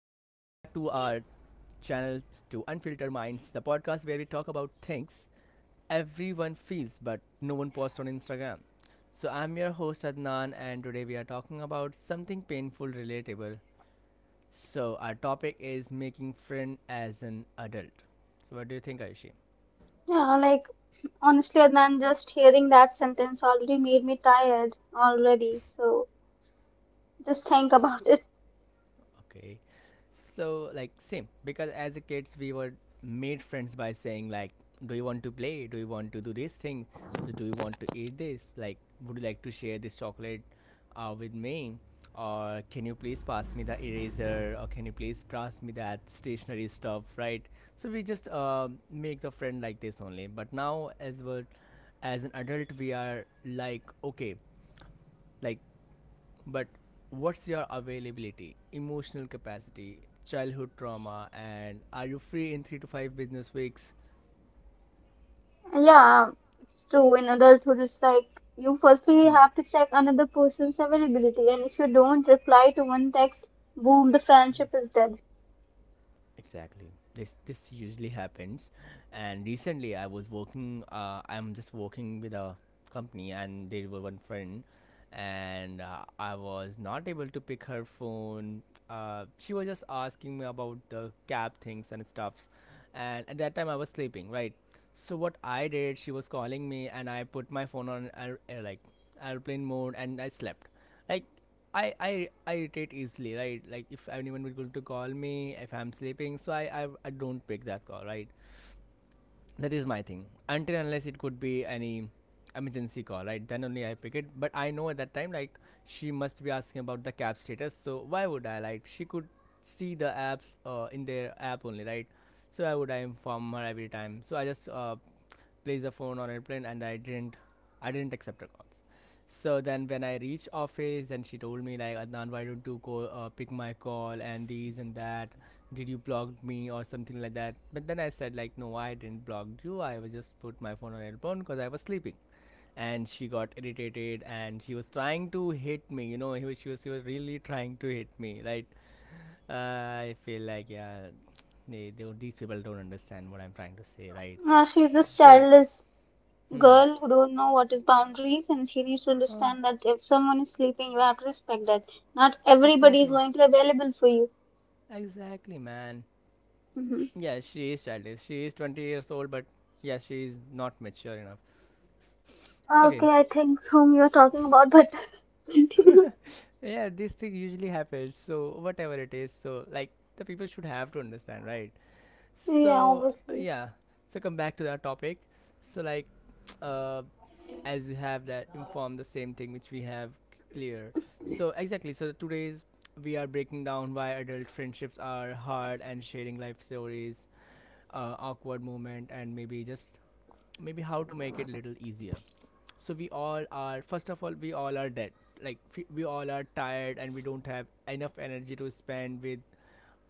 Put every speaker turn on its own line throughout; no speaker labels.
channel to Unfiltered Minds, the podcast where we talk about things everyone feels but no one posts on Instagram. So I'm your host Adnan, and today we are talking about something painful, relatable. So our topic is making friend as an adult. So what do you think, Aishi?
Yeah, like honestly, Adnan, just hearing that sentence already made me tired already. So just think about it.
Okay. So like same because as a kids we were made friends by saying like do you want to play? Do you want to do this thing? Do you want to eat this? Like would you like to share this chocolate with me? Or can you please pass me the eraser? Or can you please pass me that stationery stuff, right? So we just make the friend like this only. But now as an adult we are like okay like but what's your availability, emotional capacity, childhood trauma, and are you free in 3 to 5 business weeks?
Yeah, it's true. In adulthood, it's like you firstly
Hmm.
have to check another person's availability, and if you don't reply to one text, boom, the friendship
Hmm.
is dead.
Exactly. This usually happens, and recently I was working. I'm just working with a company, and there were one friend, and I was not able to pick her phone. She was just asking me about the cab things and stuffs, and at that time I was sleeping. Right. So what I did, she was calling me, and I put my phone on like airplane mode, and I slept. Like I irritate easily, right? Like if anyone is going to call me, if I'm sleeping, so I don't pick that call, right? That is my thing, until unless it could be any emergency call, right? Then only I pick it. But I know at that time like she must be asking about the cap status, so why would I, like, she could see the apps in their app only, right? So why would I inform her every time? So I just placed the phone on airplane and I didn't accept her calls. So then when I reached office, then she told me like, Adnan, why don't you go pick my call and these and that, did you block me or something like that? But then I said like, no, I didn't block you, I was just put my phone on airplane because I was sleeping. And she got irritated and she was trying to hit me, she was really trying to hit me, right? I feel like, yeah, they these people don't understand what I'm trying to say, right?
She's this
So
childless
hmm
girl who don't know what is boundaries, and she needs to understand that if someone is sleeping, you have to respect that. Not everybody is
exactly,
going to be available for you.
exactly man,
Mhm.
yeah, she is childish, she is 20 years old, but yeah she is not mature enough. Okay.
Okay, I think whom you're talking about, but continue.
Yeah, this thing usually happens, so whatever it is, so like the people should have to understand, right?
Yeah,
So
obviously.
yeah, so come back to that topic. So like uh as you have that informed the same thing which we have clear. So exactly, so today's we are breaking down why adult friendships are hard and sharing life stories, awkward moment and maybe just maybe how to make it little easier. So we all are, first of all, we all are dead. Like we all are tired and we don't have enough energy to spend with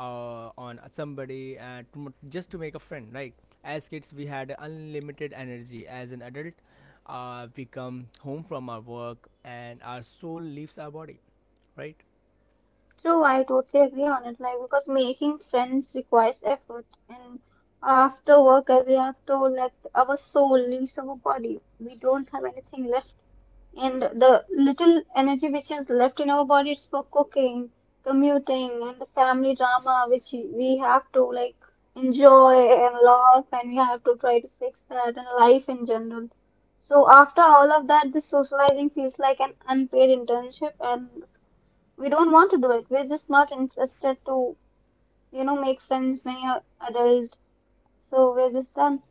on somebody and to, just to make a friend, right? As kids we had unlimited energy. As an adult we come home from our work and our soul leaves our body, right?
True, I totally agree on it. Like, because making friends requires effort, and after work, as you have told, like, our soul leaves our body. We don't have anything left and the little energy which is left in our bodies for cooking, commuting, and the family drama which we have to like enjoy and laugh, and we have to try to fix that and life in general. So after all of that, this socializing feels like an unpaid internship, and we don't want to do it. We're just not interested to make friends when you're adult. So we're just done.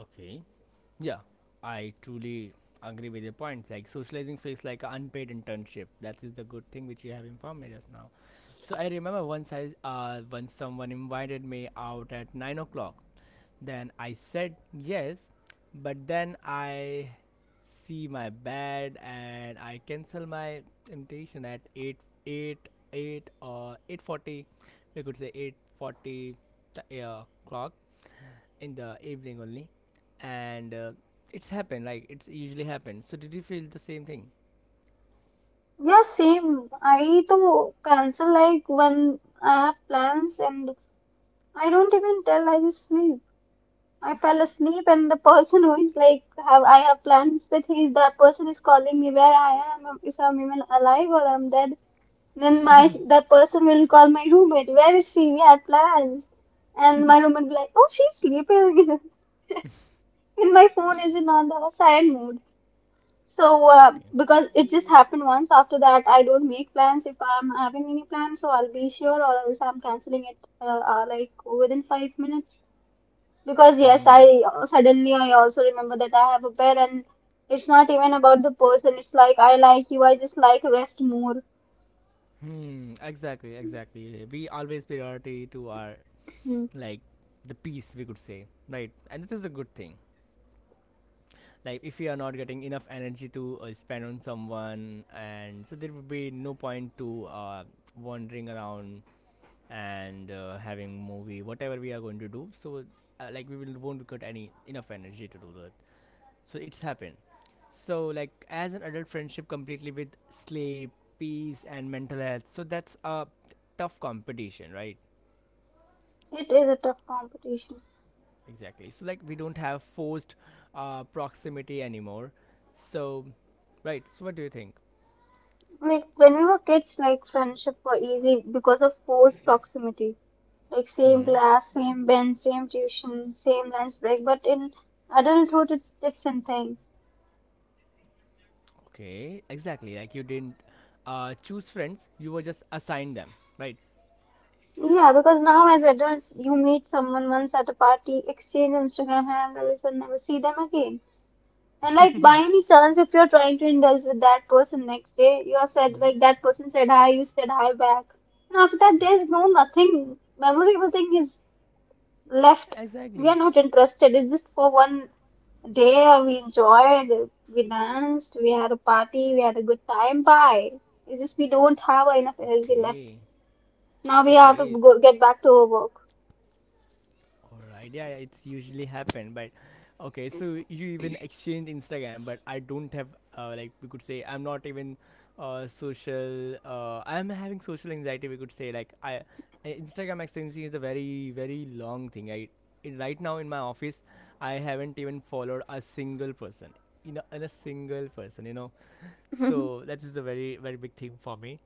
Okay. Yeah, I truly agree with your point. Like socializing feels like an unpaid internship. That is the good thing which you have informed me just now. So I remember once someone invited me out at 9 o'clock. Then I said yes, but then I see my bed and I cancel my invitation at eight 8 or 8:40. We could say 8:40 clock in the evening only, and it's happened. Like it's usually happened. So did you feel the same thing?
Yeah, same. I to cancel like when I have plans and I don't even tell, I just sleep. I fell asleep and the person who is like have I have plans with him, that person is calling me where I am, if I'm even alive or I'm dead. Then my that person will call my roommate, where is she? We had plans. And my roommate will be like, Oh, she's sleeping and my phone is in on the silent mode. So
Okay.
because it just happened once after that I don't make plans if I'm having any plans so I'll be sure or else I'm canceling it like within 5 minutes. Because yes,
Hmm.
I suddenly I also remember that I have a pet, and it's not even about the person. It's like I like you, I just like rest more.
Hmm, exactly, exactly. We always priority to our
Hmm.
like the peace we could say, right? And this is a good thing. Like if we are not getting enough energy to spend on someone, and so there would be no point to wandering around and having movie, whatever we are going to do. So like we will won't get any enough energy to do that. So it's happened. So like as an adult friendship completely with sleep, peace and mental health. So that's a tough competition, right?
It is a tough competition.
Exactly. So like we don't have forced proximity anymore. So right. So what do you think?
Like when we were kids, like friendship were easy because of forced proximity. Like same
Mm-hmm.
class, same bench, same tuition, same lunch break. But in adulthood, it's different thing.
Okay. Exactly. Like you didn't choose friends, you were just assigned them, right?
Yeah, because now as adults, you meet someone once at a party, exchange Instagram handles, and never see them again. And like by any chance, if you're trying to indulge with that person next day, you are said
Mm-hmm.
like that person said hi, you said hi back, and after that, there's no nothing memorable thing is left. We are
Exactly.
not interested. It's just for one day we enjoyed, we danced, we had a party, we had a good time. Bye. It's just we don't have enough energy left.
Okay.
Now we have to
Okay.
go get back to our work.
All right. Yeah, yeah, it's usually happened, but okay. So you even exchange Instagram, but I don't have like we could say I'm not even social. I'm having social anxiety. We could say like I Instagram exchanging is a very very long thing. Right now in my office, I haven't even followed a single person. You know, in a single person. You know,
We
so that is a very very big thing for me,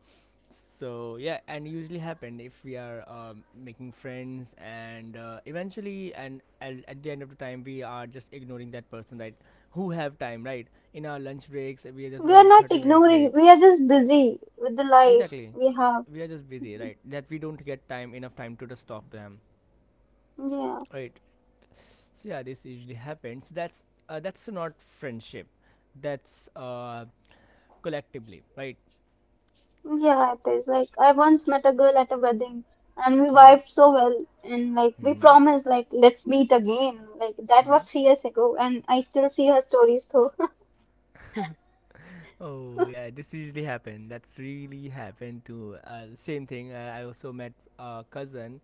so yeah and usually happen if we are making friends and eventually and at the end of the time we are just ignoring that person, right? Who have time, right? In our lunch breaks we just
are
got the
not
30 minutes
ignoring.
break.
We are just busy with the life
Exactly,
we have.
we are just busy, right, that we don't get time enough time to just talk to them,
Yeah.
right? So yeah, this usually happens. So that's not friendship, that's collectively, right?
Yeah, it is. Like I once met a girl at a wedding and we
Hmm.
vibed so well and like we
Hmm.
promised like let's meet again. Like that was
Hmm.
3 years ago and I still see her stories though.
Oh yeah, this usually happened. That's really happened to same thing. I also met a cousin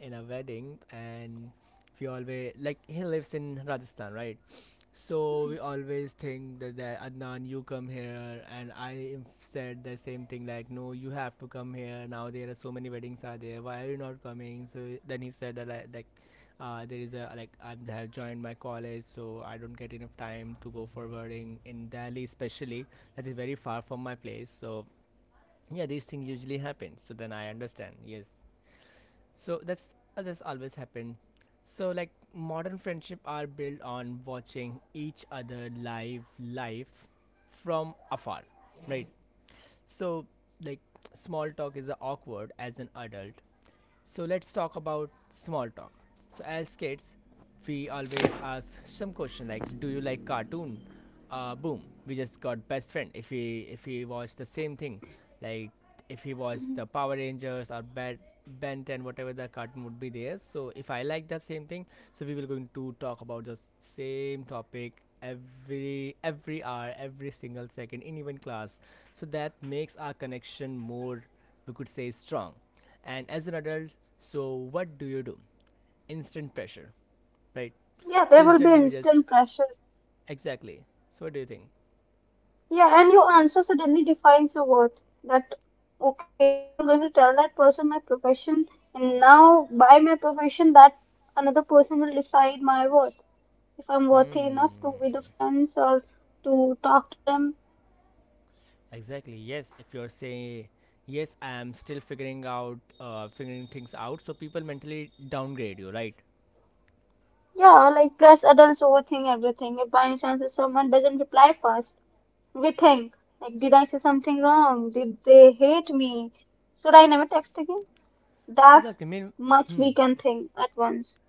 in a wedding, and we always like he lives in Rajasthan, right? So we always think that Adnan, you come here, and I said the same thing like, no, you have to come here. Now there are so many weddings are there. Why are you not coming? So then he said that like, there is a like I have joined my college, so I don't get enough time to go for wedding in Delhi, especially that is very far from my place. So yeah, these things usually happen. So then I understand. Yes. So that's always happened. So like modern friendship are built on watching each other live life from afar, right? So like small talk is awkward as an adult, so let's talk about small talk. So as kids, we always ask some question like, "Do you like cartoon?" Boom, we just got best friend. If we watch the same thing, like if he watched the
Mhm.
Power Rangers or Ben 10, whatever the cartoon would be there. So if I like that same thing, so we will going to talk about the same topic every hour, every single second in even class. So that makes our connection more, we could say, strong. And as an adult, so what do you do? Instant pressure, right?
Yeah, there
So
will be
instantly we just
instant pressure.
exactly, so what do you think?
Yeah, and your answer suddenly defines your worth. That okay, now I'm going to tell that person my profession and now by my profession that another person will decide my worth. If I'm worthy enough to
Hmm,
be the friends or to talk to them.
exactly, yes. If you're saying yes, I am still figuring things out, so people mentally downgrade you, right?
Yeah, like plus adults overthink everything. If by any chance if someone doesn't reply fast, we think like, did I say something wrong? Did they hate me? Should I never text again? That's
Exactly, I mean.
much
Hmm.
we can think at once.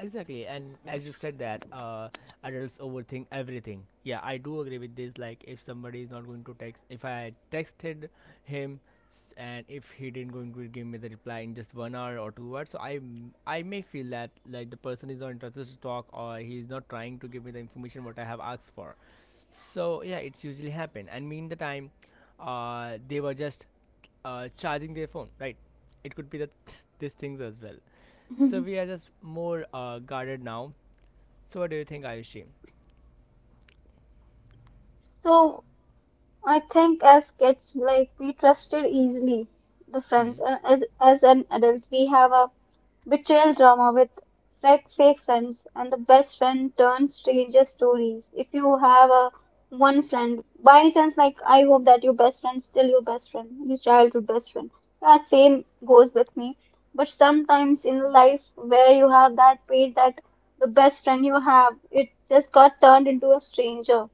Exactly, and as you said that adults overthink everything. Yeah, I do agree with this. Like, if somebody is not going to text, if I texted him, and if he didn't going to give me the reply in just 1 hour or 2 hours, so I I may feel that like the person is not interested to talk or he is not trying to give me the information what I have asked for. So yeah, it's usually happen. And mean the time, they were just charging their phone, right? It could be that these things as well. So we are just more guarded now. So what do you think, Ayushi?
So I think as kids, like we trusted easily the
Hmm.
friends. As an adult, we have a betrayal drama with fake friends and the best friend turns stranger stories. If you have a one friend, by any chance, like I hope that your best friend still your best friend, your childhood best friend. That same goes with me. But sometimes in life where you have that pain that the best friend you have, it just got turned into a stranger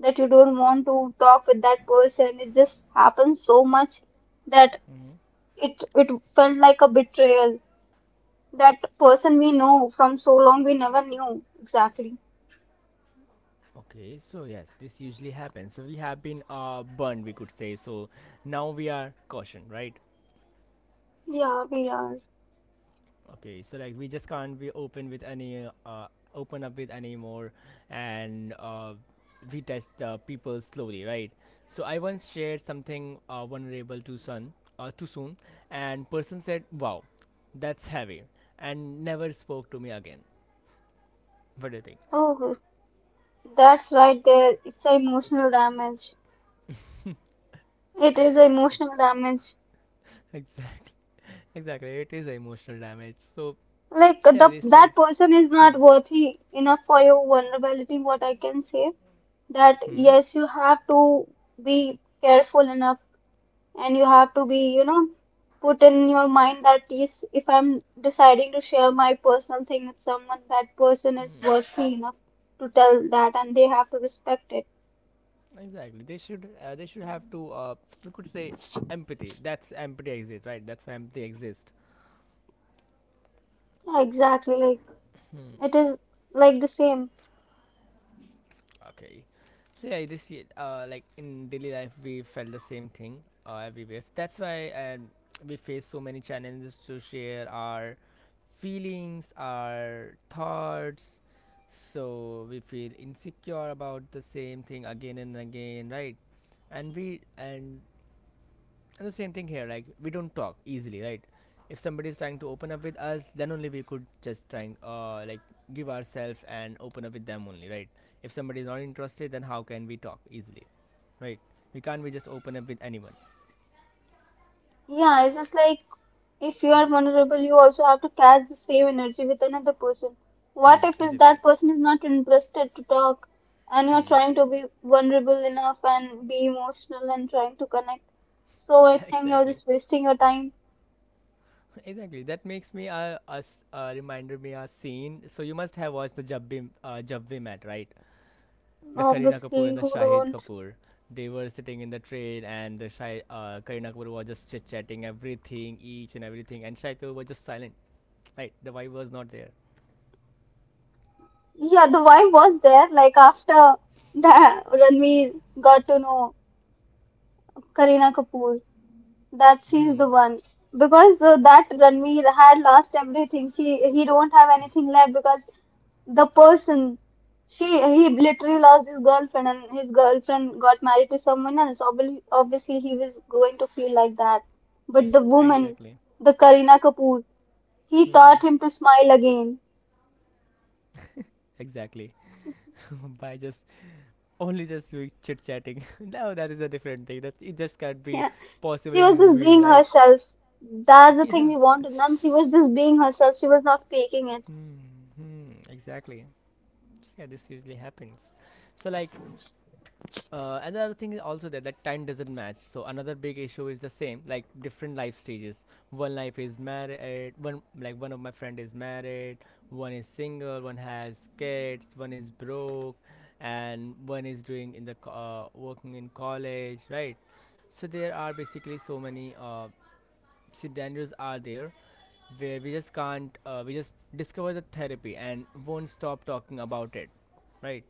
that you don't want to talk with that person. It just happens so much that
Hmm.
it felt like a betrayal, that person we know from so long we never knew exactly.
Okay. So yes, this usually happens. So we have been burned, we could say. So now we are caution, right?
Yeah, we are.
Okay. So like we just can't be open with any open up with anymore, and we test people slowly, right? So I once shared something vulnerable to sun too soon, and person said, "Wow, that's heavy," and never spoke to me again. What do you think?
Oh, that's right there. It's a emotional damage. It is a emotional damage.
Exa- exactly. It is emotional damage. So
Like
yeah,
the
these
that
things.
person is
Hmm.
not worthy enough for your vulnerability. What I can say that
Hmm.
yes, you have to be careful enough and you have to be, put in your mind that yes if I'm deciding to share my personal thing with someone that person is
Hmm.
worthy enough to tell that and they have to respect it.
Exactly. They should. They should have to. We could say empathy. That's empathy exist, right? That's why empathy exists.
Yeah, exactly, like it is like the same.
Okay. So yeah, this year, like in daily life, we felt the same thing everywhere. So that's why we face so many challenges to share our feelings, our thoughts. So we feel insecure about the same thing again and again, right? And and the same thing here, like we don't talk easily, right? If somebody is trying to open up with us, then only we could just trying like give ourselves and open up with them only, right? If somebody is not interested, then how can we talk easily, right? We can't We just open up with anyone.
Yeah, it's just like if you are
Hmm.
vulnerable you also have to catch the same energy with another person. What
Hmm.
if is
Exactly.
that person is not interested to talk and you're
Hmm.
trying to be vulnerable enough and be emotional and trying to connect, so I think you're
exactly.
just wasting your time.
Exactly. That makes me us reminder me a scene. So you must have watched the Jab We Met, right? The Kareena Kapoor
Obviously,
and the
who
Shahid
don't?
Kapoor. They were sitting in the train, and the Karina Kapoor was just chit chatting everything, each and everything, and Shahid Kapoor was just silent. Right, the vibe was not there.
Yeah, the vibe was there. Like after that, Ranveer got to know Kareena Kapoor. That she's
Hmm.
the one because that Ranveer had lost everything. She he don't have anything left because the person she he literally lost his girlfriend and his girlfriend got married to someone else. Obviously, obviously he was going to feel like that. But the woman,
Exactly.
the Kareena Kapoor, he taught
Hmm.
him to smile again.
Exactly. By just doing chit chatting. No, that is a different thing. That it just can't be
Yeah.
possible
She
in
was just
movies,
being
right?
herself. That's the thing
yeah.
we wanted. And she was just being herself. She was not faking it.
Hmm. Hmm. Exactly. So, yeah, this usually happens. So like another thing is also that time doesn't match. So another big issue is the same, like different life stages. One life is married. One of my friend is married. One is single. One has kids. One is broke, and one is doing in the working in college, right? So there are basically so many scenarios are there where we just can't we just discover the therapy and won't stop talking about it, right?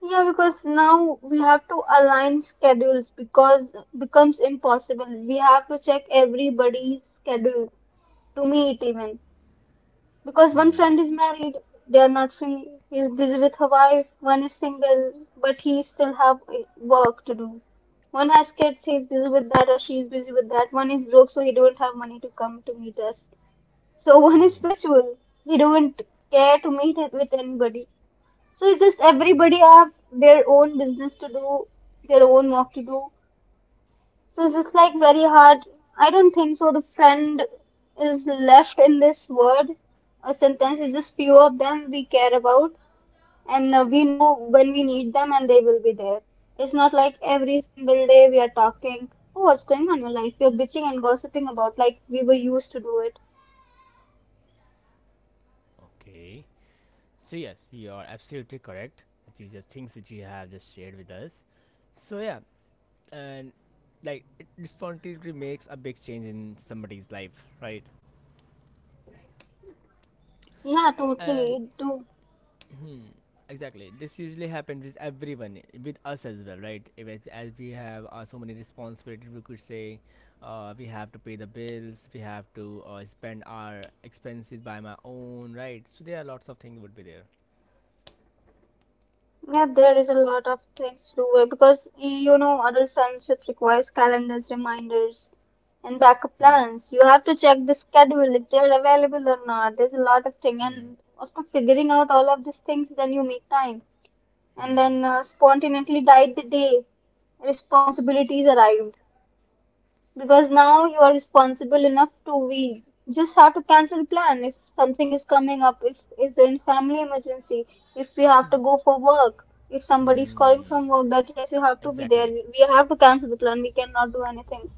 Yeah, because now we have to align schedules because becomes impossible. We have to check everybody's schedule to meet even. Because one
Hmm.
friend is married, they are not free. He's busy with her wife. One is single, but he still have work to do. One has kids, he's busy with that, or she's busy with that. One is broke, so he don't have money to come to meet us. So one is spiritual. They don't care to meet it with anybody. So it's just everybody have their own business to do, their own work to do. So it's just like very hard. I don't think so. The friend is left in this word or sentence. It's just few of them we care about, and we know when we need them, and they will be there. It's not like every single day we are talking. Oh, what's going on in your life? You're bitching and gossiping about like we were used to do it.
Okay. So yes, you are absolutely correct. These are things which you have just shared with us. So yeah, and like it responsibility makes a big change in somebody's life, right?
Yeah,
And
totally. Do.
hmm, exactly, this usually happens with everyone, with us as well, right? If as, as we have so many responsibilities, we could say we have to pay the bills, we have to spend our expenses by my own, right? So there are lots of things would be there.
Yeah, there is a lot of things to do it because you know adult friendship requires calendars, reminders, and backup
Hmm.
plans. You have to check the schedule if they're available or not. There's a lot of thing,
Hmm.
and after figuring out all of these things, then you make time, and
Hmm.
then spontaneously died the day responsibilities arrive because now you are responsible enough to, we just have to cancel plan if something is coming up, if is in family emergency, if we have to go for work, if somebody is calling
Hmm.
from work that yes you have to be there,
Exactly.
we have to cancel the plan, we cannot do anything.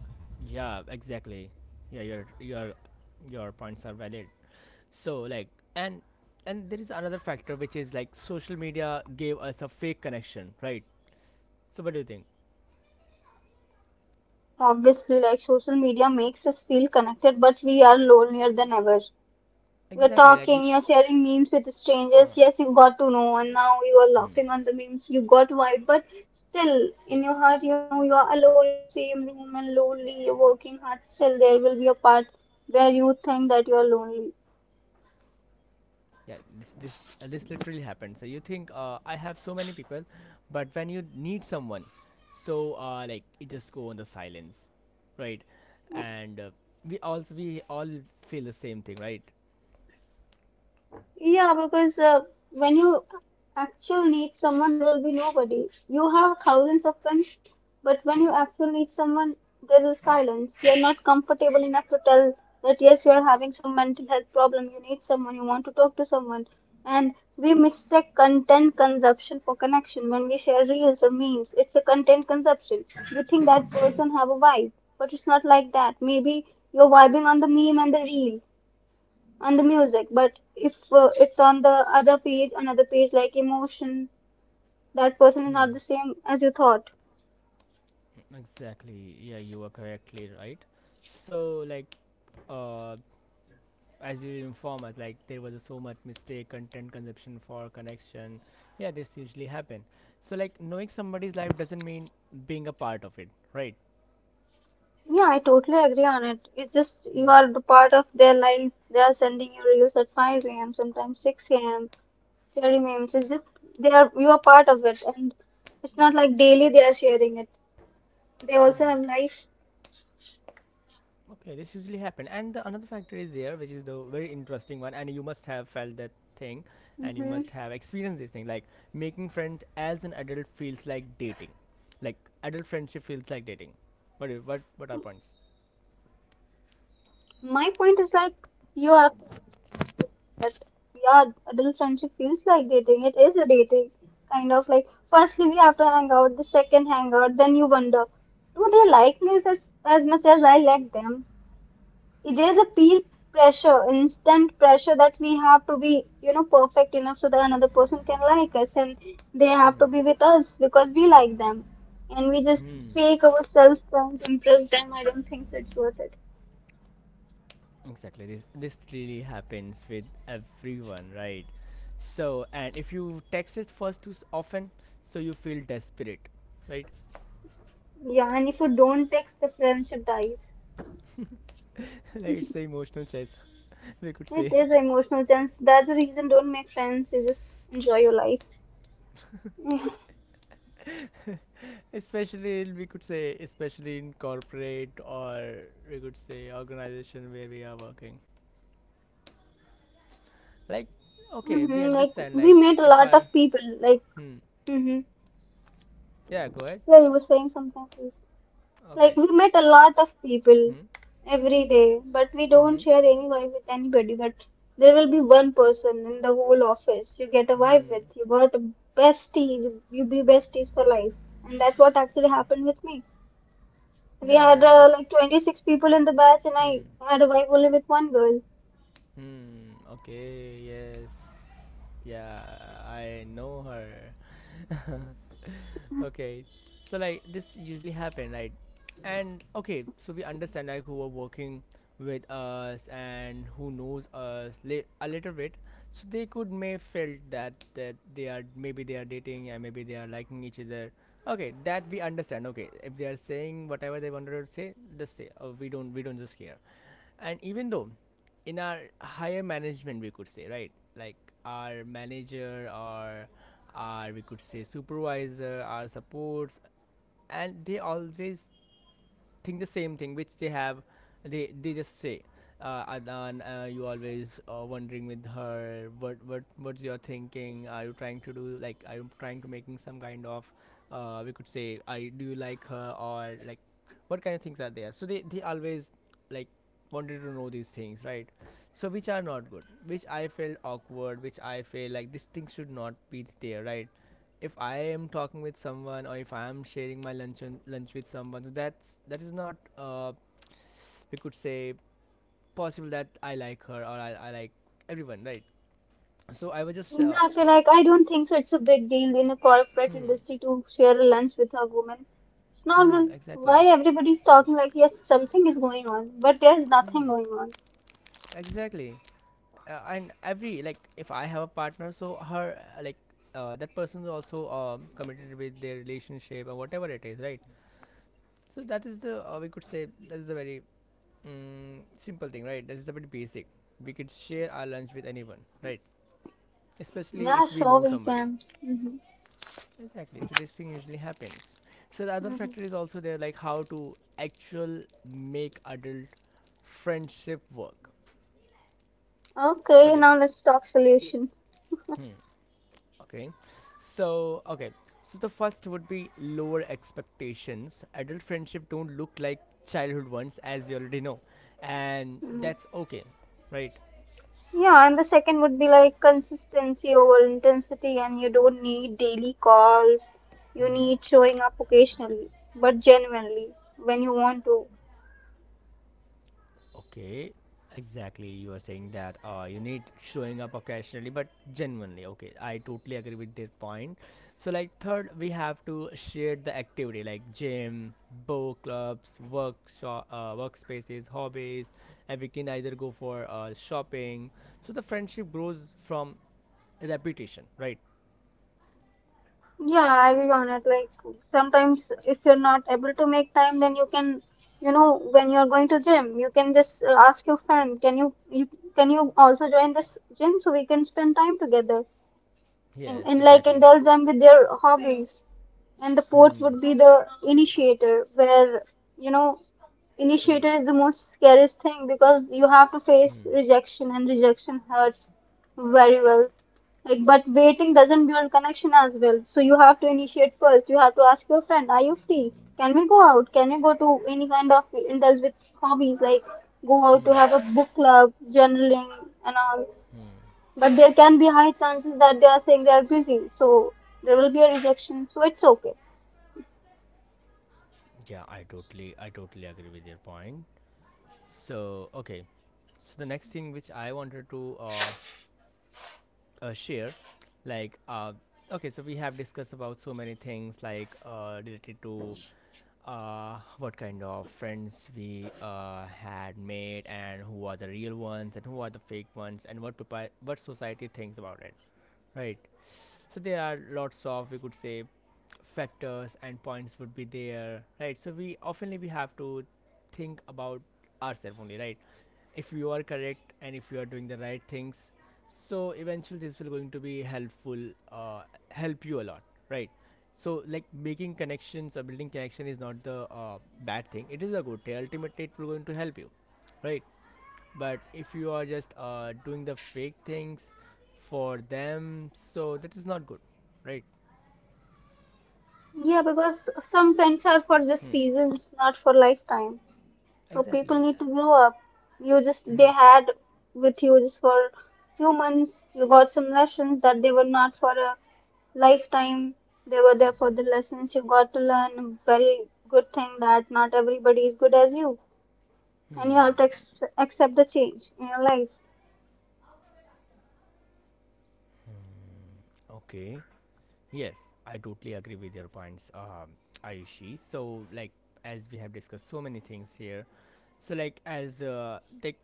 Yeah, exactly. Yeah, your your points are valid. So like and and there is another factor which is like social media gave us a fake connection, right? So what do you think?
Obviously, like social media makes us feel connected but we are lonelier than ever. You're
Exactly, like you,
talking, you're sharing memes with strangers. Yes,
uh,
you got to know, and now you are
hmm,
laughing on the memes. You got vibe, but still, in
yes.
your heart, you know you are alone in the same room and lonely. You're working hard. Still, there will be a part where you think that you are lonely.
Yeah, this literally happened. So you think I have so many people, but when you need someone, so like it just go on the silence, right? And we all feel the same thing, right?
Yeah, because when you actually need someone, there will be nobody. You have thousands of friends, but when you actually need someone, there is silence. You're not comfortable enough to tell that yes, you're having some mental health problem. You need someone. You want to talk to someone. And we mistake content consumption for connection when we share reels or memes. It's a content consumption. We think that person have a vibe, but it's not like that. Maybe you're vibing on the meme and the reel on the music, but if it's on the other page, another page like emotion, that person is not
Hmm.
the same as you thought.
Exactly. Yeah, you were correctly right. So, like, uh, as you inform us, like there was so much mistake, content consumption for connection. Yeah, this usually happen. So, like, knowing somebody's life doesn't mean being a part of it, right?
Yeah, I totally agree on it, it's just you
Hmm.
are the part of their life, they are sending you reels at 5 a.m. sometimes 6 a.m., sharing memes. It's just they are, you are part of it, and it's not like daily they are sharing it, they also
Hmm.
have life.
Okay, this usually happen. And the another factor is there, which is the very interesting one, and you must have felt that thing, and you
hmm
must have experienced this thing. Like making friend as an adult feels like dating, like adult friendship feels like dating. What are points?
my point is like you are. But yeah, adult friendship feels like dating. It is a dating. Kind of like, firstly, we have to hang out, the second hang out, then you wonder, do they like me as much as I like them? There's a peer pressure, instant pressure that we have to be, perfect enough so that another person can like us and they have to
Hmm.
be with us because we like them. And we just
Hmm.
fake ourselves trying to impress them. I don't think so it's worth it.
Exactly. This really happens with everyone, right? So and if you text it first often, so you feel desperate, right?
Yeah, and if you don't text, the friendship dies.
like it's an emotional chess, we could
It
say.
is emotional sense. That's the reason don't make friends. You just enjoy your life.
Especially we could say especially in corporate or we could say organization where we are working like okay we
Mm-hmm. Like
understand
we
like
met a
if
lot
our
of people. Like
hmm,
mm-hmm.
yeah, go ahead.
Yeah, you were saying something. Please. Like
Okay.
we met a lot of people
Hmm.
every day, but we don't
Hmm.
share any vibe with anybody. But there will be one person in the whole office you get a vibe
Hmm.
with. You got a bestie. You be besties for life, and that's what actually happened with me. We had
Yeah, this.
like 26 people in the batch, and I
Hmm.
had a vibe only with one girl.
Hmm. Okay, yes. Yeah, I know her. Okay, so like this usually happen, right? And okay, so we understand like who are working with us and who knows us a little bit, so they could may felt that they are maybe they are dating and maybe they are liking each other. Okay, that we understand. Okay, if they are saying whatever they wanted to say, just say. Oh, we don't just care, and even though in our higher management, we could say, right, like our manager or our, we could say, supervisor, our supports, and they always think the same thing which they have, they just say, Adnan, you always wondering with her. What what's your thinking? Are you trying to do like are you trying to making some kind of we could say I do you like her or like what kind of things are there? So they always like wanted to know these things, right? So which are not good, which I felt awkward, which I feel like this thing should not be there, right? If I am talking with someone or if I am sharing my lunch with someone, so that is not we could say possible that I like her or I like everyone, right? So I was just
Exactly. Like, I don't think so. It's a big deal in a corporate
hmm.
industry to share a lunch with a woman. It's
Hmm.
normal.
Exactly.
Why everybody's talking like, yes, something is going on, but there's nothing going
Hmm.
on.
Exactly, and every like if I have a partner, so her like that person is also committed with their relationship or whatever it is, right? So that is the we could say that is the very simple thing, right? That is the very basic. We could share our lunch with anyone, right? Especially
Yeah,
if we
sure,
know
we
somebody.
can. Hmm.
Exactly, so this thing usually happens. So the other
Hmm.
factor is also there, like how to actual make adult friendship work. What
Okay,
do you think?
now let's talk solution.
Hmm. Okay. So okay, so the first would be lower expectations. Adult friendship don't look like childhood ones, as we already know, and
Mhm.
that's okay, right?
Yeah, and the second would be like consistency over intensity, and you don't need daily calls. You
Mm-hmm.
need showing up occasionally, but genuinely when you want to.
Okay, exactly. You are saying that you need showing up occasionally, but genuinely. Okay, I totally agree with that point. So, like, third, we have to share the activity like gym, book clubs, workshop, workspaces, hobbies, and we can either go for shopping. So, the friendship grows from repetition, right?
Yeah, I agree on it. Like sometimes if you're not able to make time, then you can, when you're going to gym, you can just ask your friend, can you, can you also join this gym so we can spend time together
Yes,
and like
exactly.
indulge them with their hobbies, and the ports
Hmm.
would be the initiator where you know
Hmm.
initiator is the most scariest thing because you have to face
Hmm.
rejection, and rejection hurts very well. Like but waiting doesn't build connection as well, so you have to initiate first. You have to ask your friend, are you free? Can we go out? Can we go to any kind of indulge with hobbies, like go out to have a book club, journaling and all? But there can be high chances that they are saying they are busy, so there will be a rejection, so it's okay.
Yeah, I totally agree with your point. So okay, so the next thing which I wanted to share, like okay, so we have discussed about so many things like related to what kind of friends we had made and who are the real ones and who are the fake ones and what what society thinks about it, right? So there are lots of we could say factors and points would be there, right? So we oftenly we have to think about ourselves only, right? If you are correct and if you are doing the right things, so eventually this will going to be helpful, uh, help you a lot, right? So like making connections or building connection is not the bad thing, it is a good thing. Ultimately it will going to help you, right? But if you are just doing the fake things for them, so that is not good, right?
Yeah, because some friends are for just
Hmm.
seasons, not for lifetime. So
Exactly.
people need to grow up. You just they
Hmm.
had with you just for few months. You got some lessons that they were not for a lifetime. They were there for the lessons you got to learn. A Very good thing that not everybody is good as you, and you have to accept the change in your life.
Okay. Yes, I totally agree with your points, Ayushi. So, like, as we have discussed so many things here, so like as like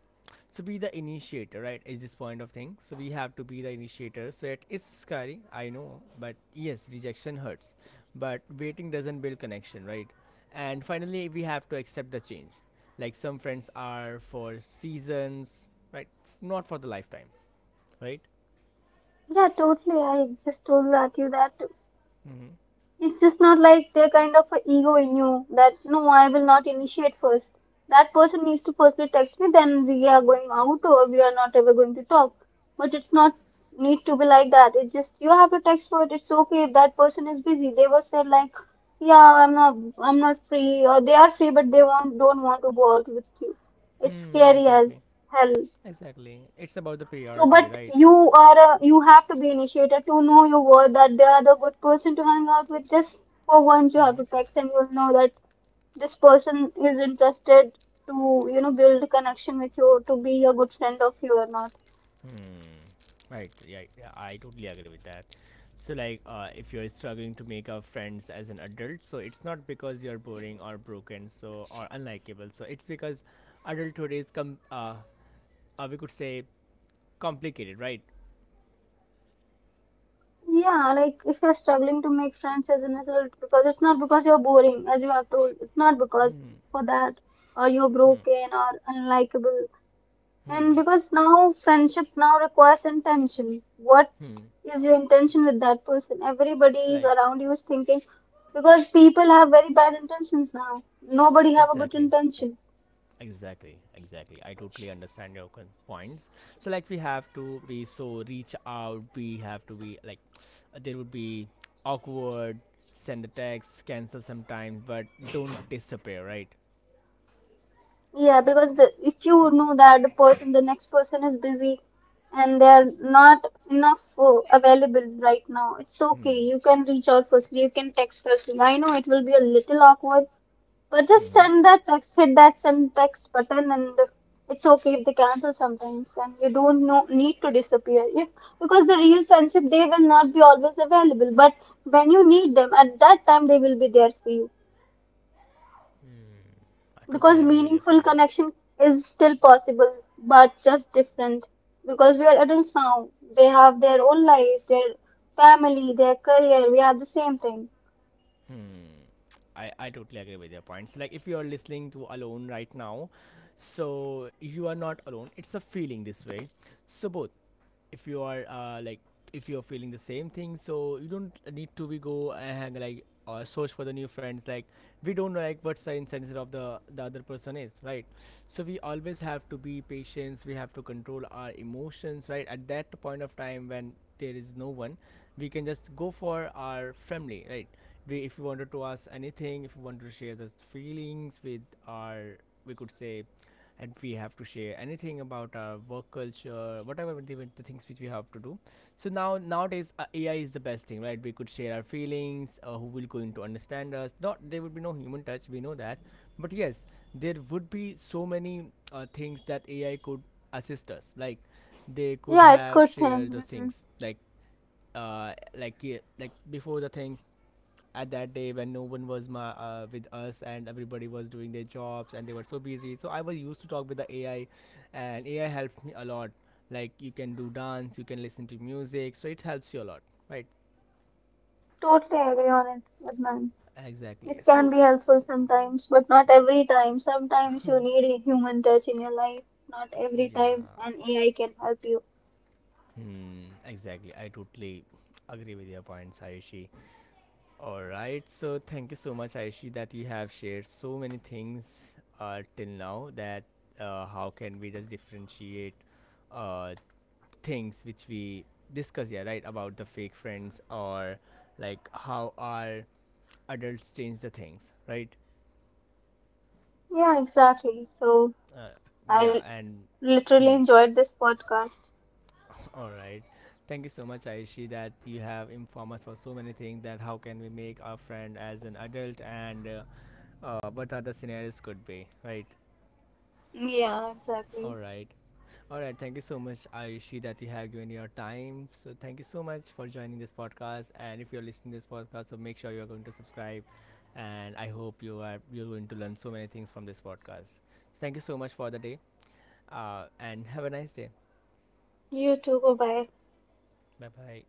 so be the initiator, right? Is this point of thing? So we have to be the initiator. So it is scary, I know, but yes, rejection hurts, but waiting doesn't build connection, right? And finally, we have to accept the change. Like some friends are for seasons, right? Not for the lifetime, right?
Yeah, totally. I just told that you that
Mm-hmm.
it's just not like there kind of a ego in you that no, I will not initiate first. That person needs to firstly text me, then we are going out or we are not ever going to talk. But it's not need to be like that. It's just you have to text for it. It's okay if that person is busy. They were said like, yeah, I'm not free, or they are free but they will don't want to go out with you. It's
Hmm.
scary as
Exactly.
hell.
Exactly. It's about the
So,
priority,
but
right?
you have to be initiated to know your worth that they are the good person to hang out with. Just for once, you have to
Mm-hmm.
text and you'll know that this person is interested to, you know, build a connection with you to be a good friend of you or not.
Hmm. Right. Yeah, yeah. I totally agree with that. So, like, if you're struggling to make up friends as an adult, so it's not because you're boring or broken, so or unlikable. So it's because adulthood is com. We could say complicated, right?
Yeah, like if you're struggling to make friends as an adult because it's not because you're boring, as you have told, it's not because
Hmm.
for that or you're
Hmm.
broken or unlikable. And
Hmm.
because now friendship now requires intention. What
Hmm.
is your intention with that person? Everybody is
Like
around you is thinking because people have very bad intentions now. Nobody have a good
exactly.
intention.
Exactly, exactly. I totally understand your points. So, like, we have to be so reach out, we have to be like, there would be awkward, send the text, cancel sometimes, but don't disappear, right?
Yeah, because if you know that the person, the next person is busy and they are not enough available right now, it's okay.
Hmm.
You can reach out firstly. You can text firstly. I know it will be a little awkward. But just
Hmm.
send that text, hit that send text button, and it's okay if they cancel sometimes. And you don't know, need to disappear. If because the real friendship, they will not be always available. But when you need them, at that time they will be there for you.
I totally
Because
agree with your
meaningful
points.
connection is still possible, but just different. Because we are adults now, they have their own life, their family, their career. We have the same thing.
Hmm. I totally agree with your points. Like, if you are listening to Alone right now, so you are not alone. It's a feeling this way. So, both if you are like if you're feeling the same thing, so you don't need to be go and like search for the new friends, like we don't like what's the incentive of the other person is, right? So we always have to be patient, we have to control our emotions, right, at that point of time when there is no one, we can just go for our family, right? We if we wanted to ask anything, if we want to share the feelings with our, we could say, and we have to share anything about our work culture, whatever the things which we have to do. So now nowadays AI is the best thing, right? We could share our feelings, who will going to understand us, not there would be no human touch, we know that, but yes, there would be so many things that AI could assist us like they could
Yeah, it's
have
good
shared
thing.
those
Hmm.
things like. Uh, like yeah, like before the thing, at that day when no one was with us, and everybody was doing their jobs and they were so busy, so I was used to talk with the AI, and AI helps me a lot. Like, you can do dance, you can listen to music, so it helps you a lot, right?
Totally agree on it, Adnan.
Exactly,
It can
so
be helpful sometimes, but not every time. Sometimes you need a human touch in your life. Not every
yeah.
time an AI can help you.
Hmm, exactly, I totally agree with your points, Ayushi. All right, so thank you so much, Ayushi, that you have shared so many things till now, that how can we just differentiate uh, things which we discuss here, right? About the fake friends, or like how our adults change the things, right?
Yeah, exactly. So
Uh, yeah,
I
and
literally
hmm.
enjoyed this podcast.
All right. Thank you so much, Aishi, that you have informed us for so many things, that how can we make our friend as an adult, and what other scenarios could be, right?
Yeah, exactly.
All right. All right. Thank you so much, Ayushi, that you have given your time. So thank you so much for joining this podcast. And if you're listening to this podcast, so make sure you're going to subscribe. And I hope you're going to learn so many things from this podcast. So thank you so much for the day. And have a nice day.
You too. Bye bye.
Bye bye.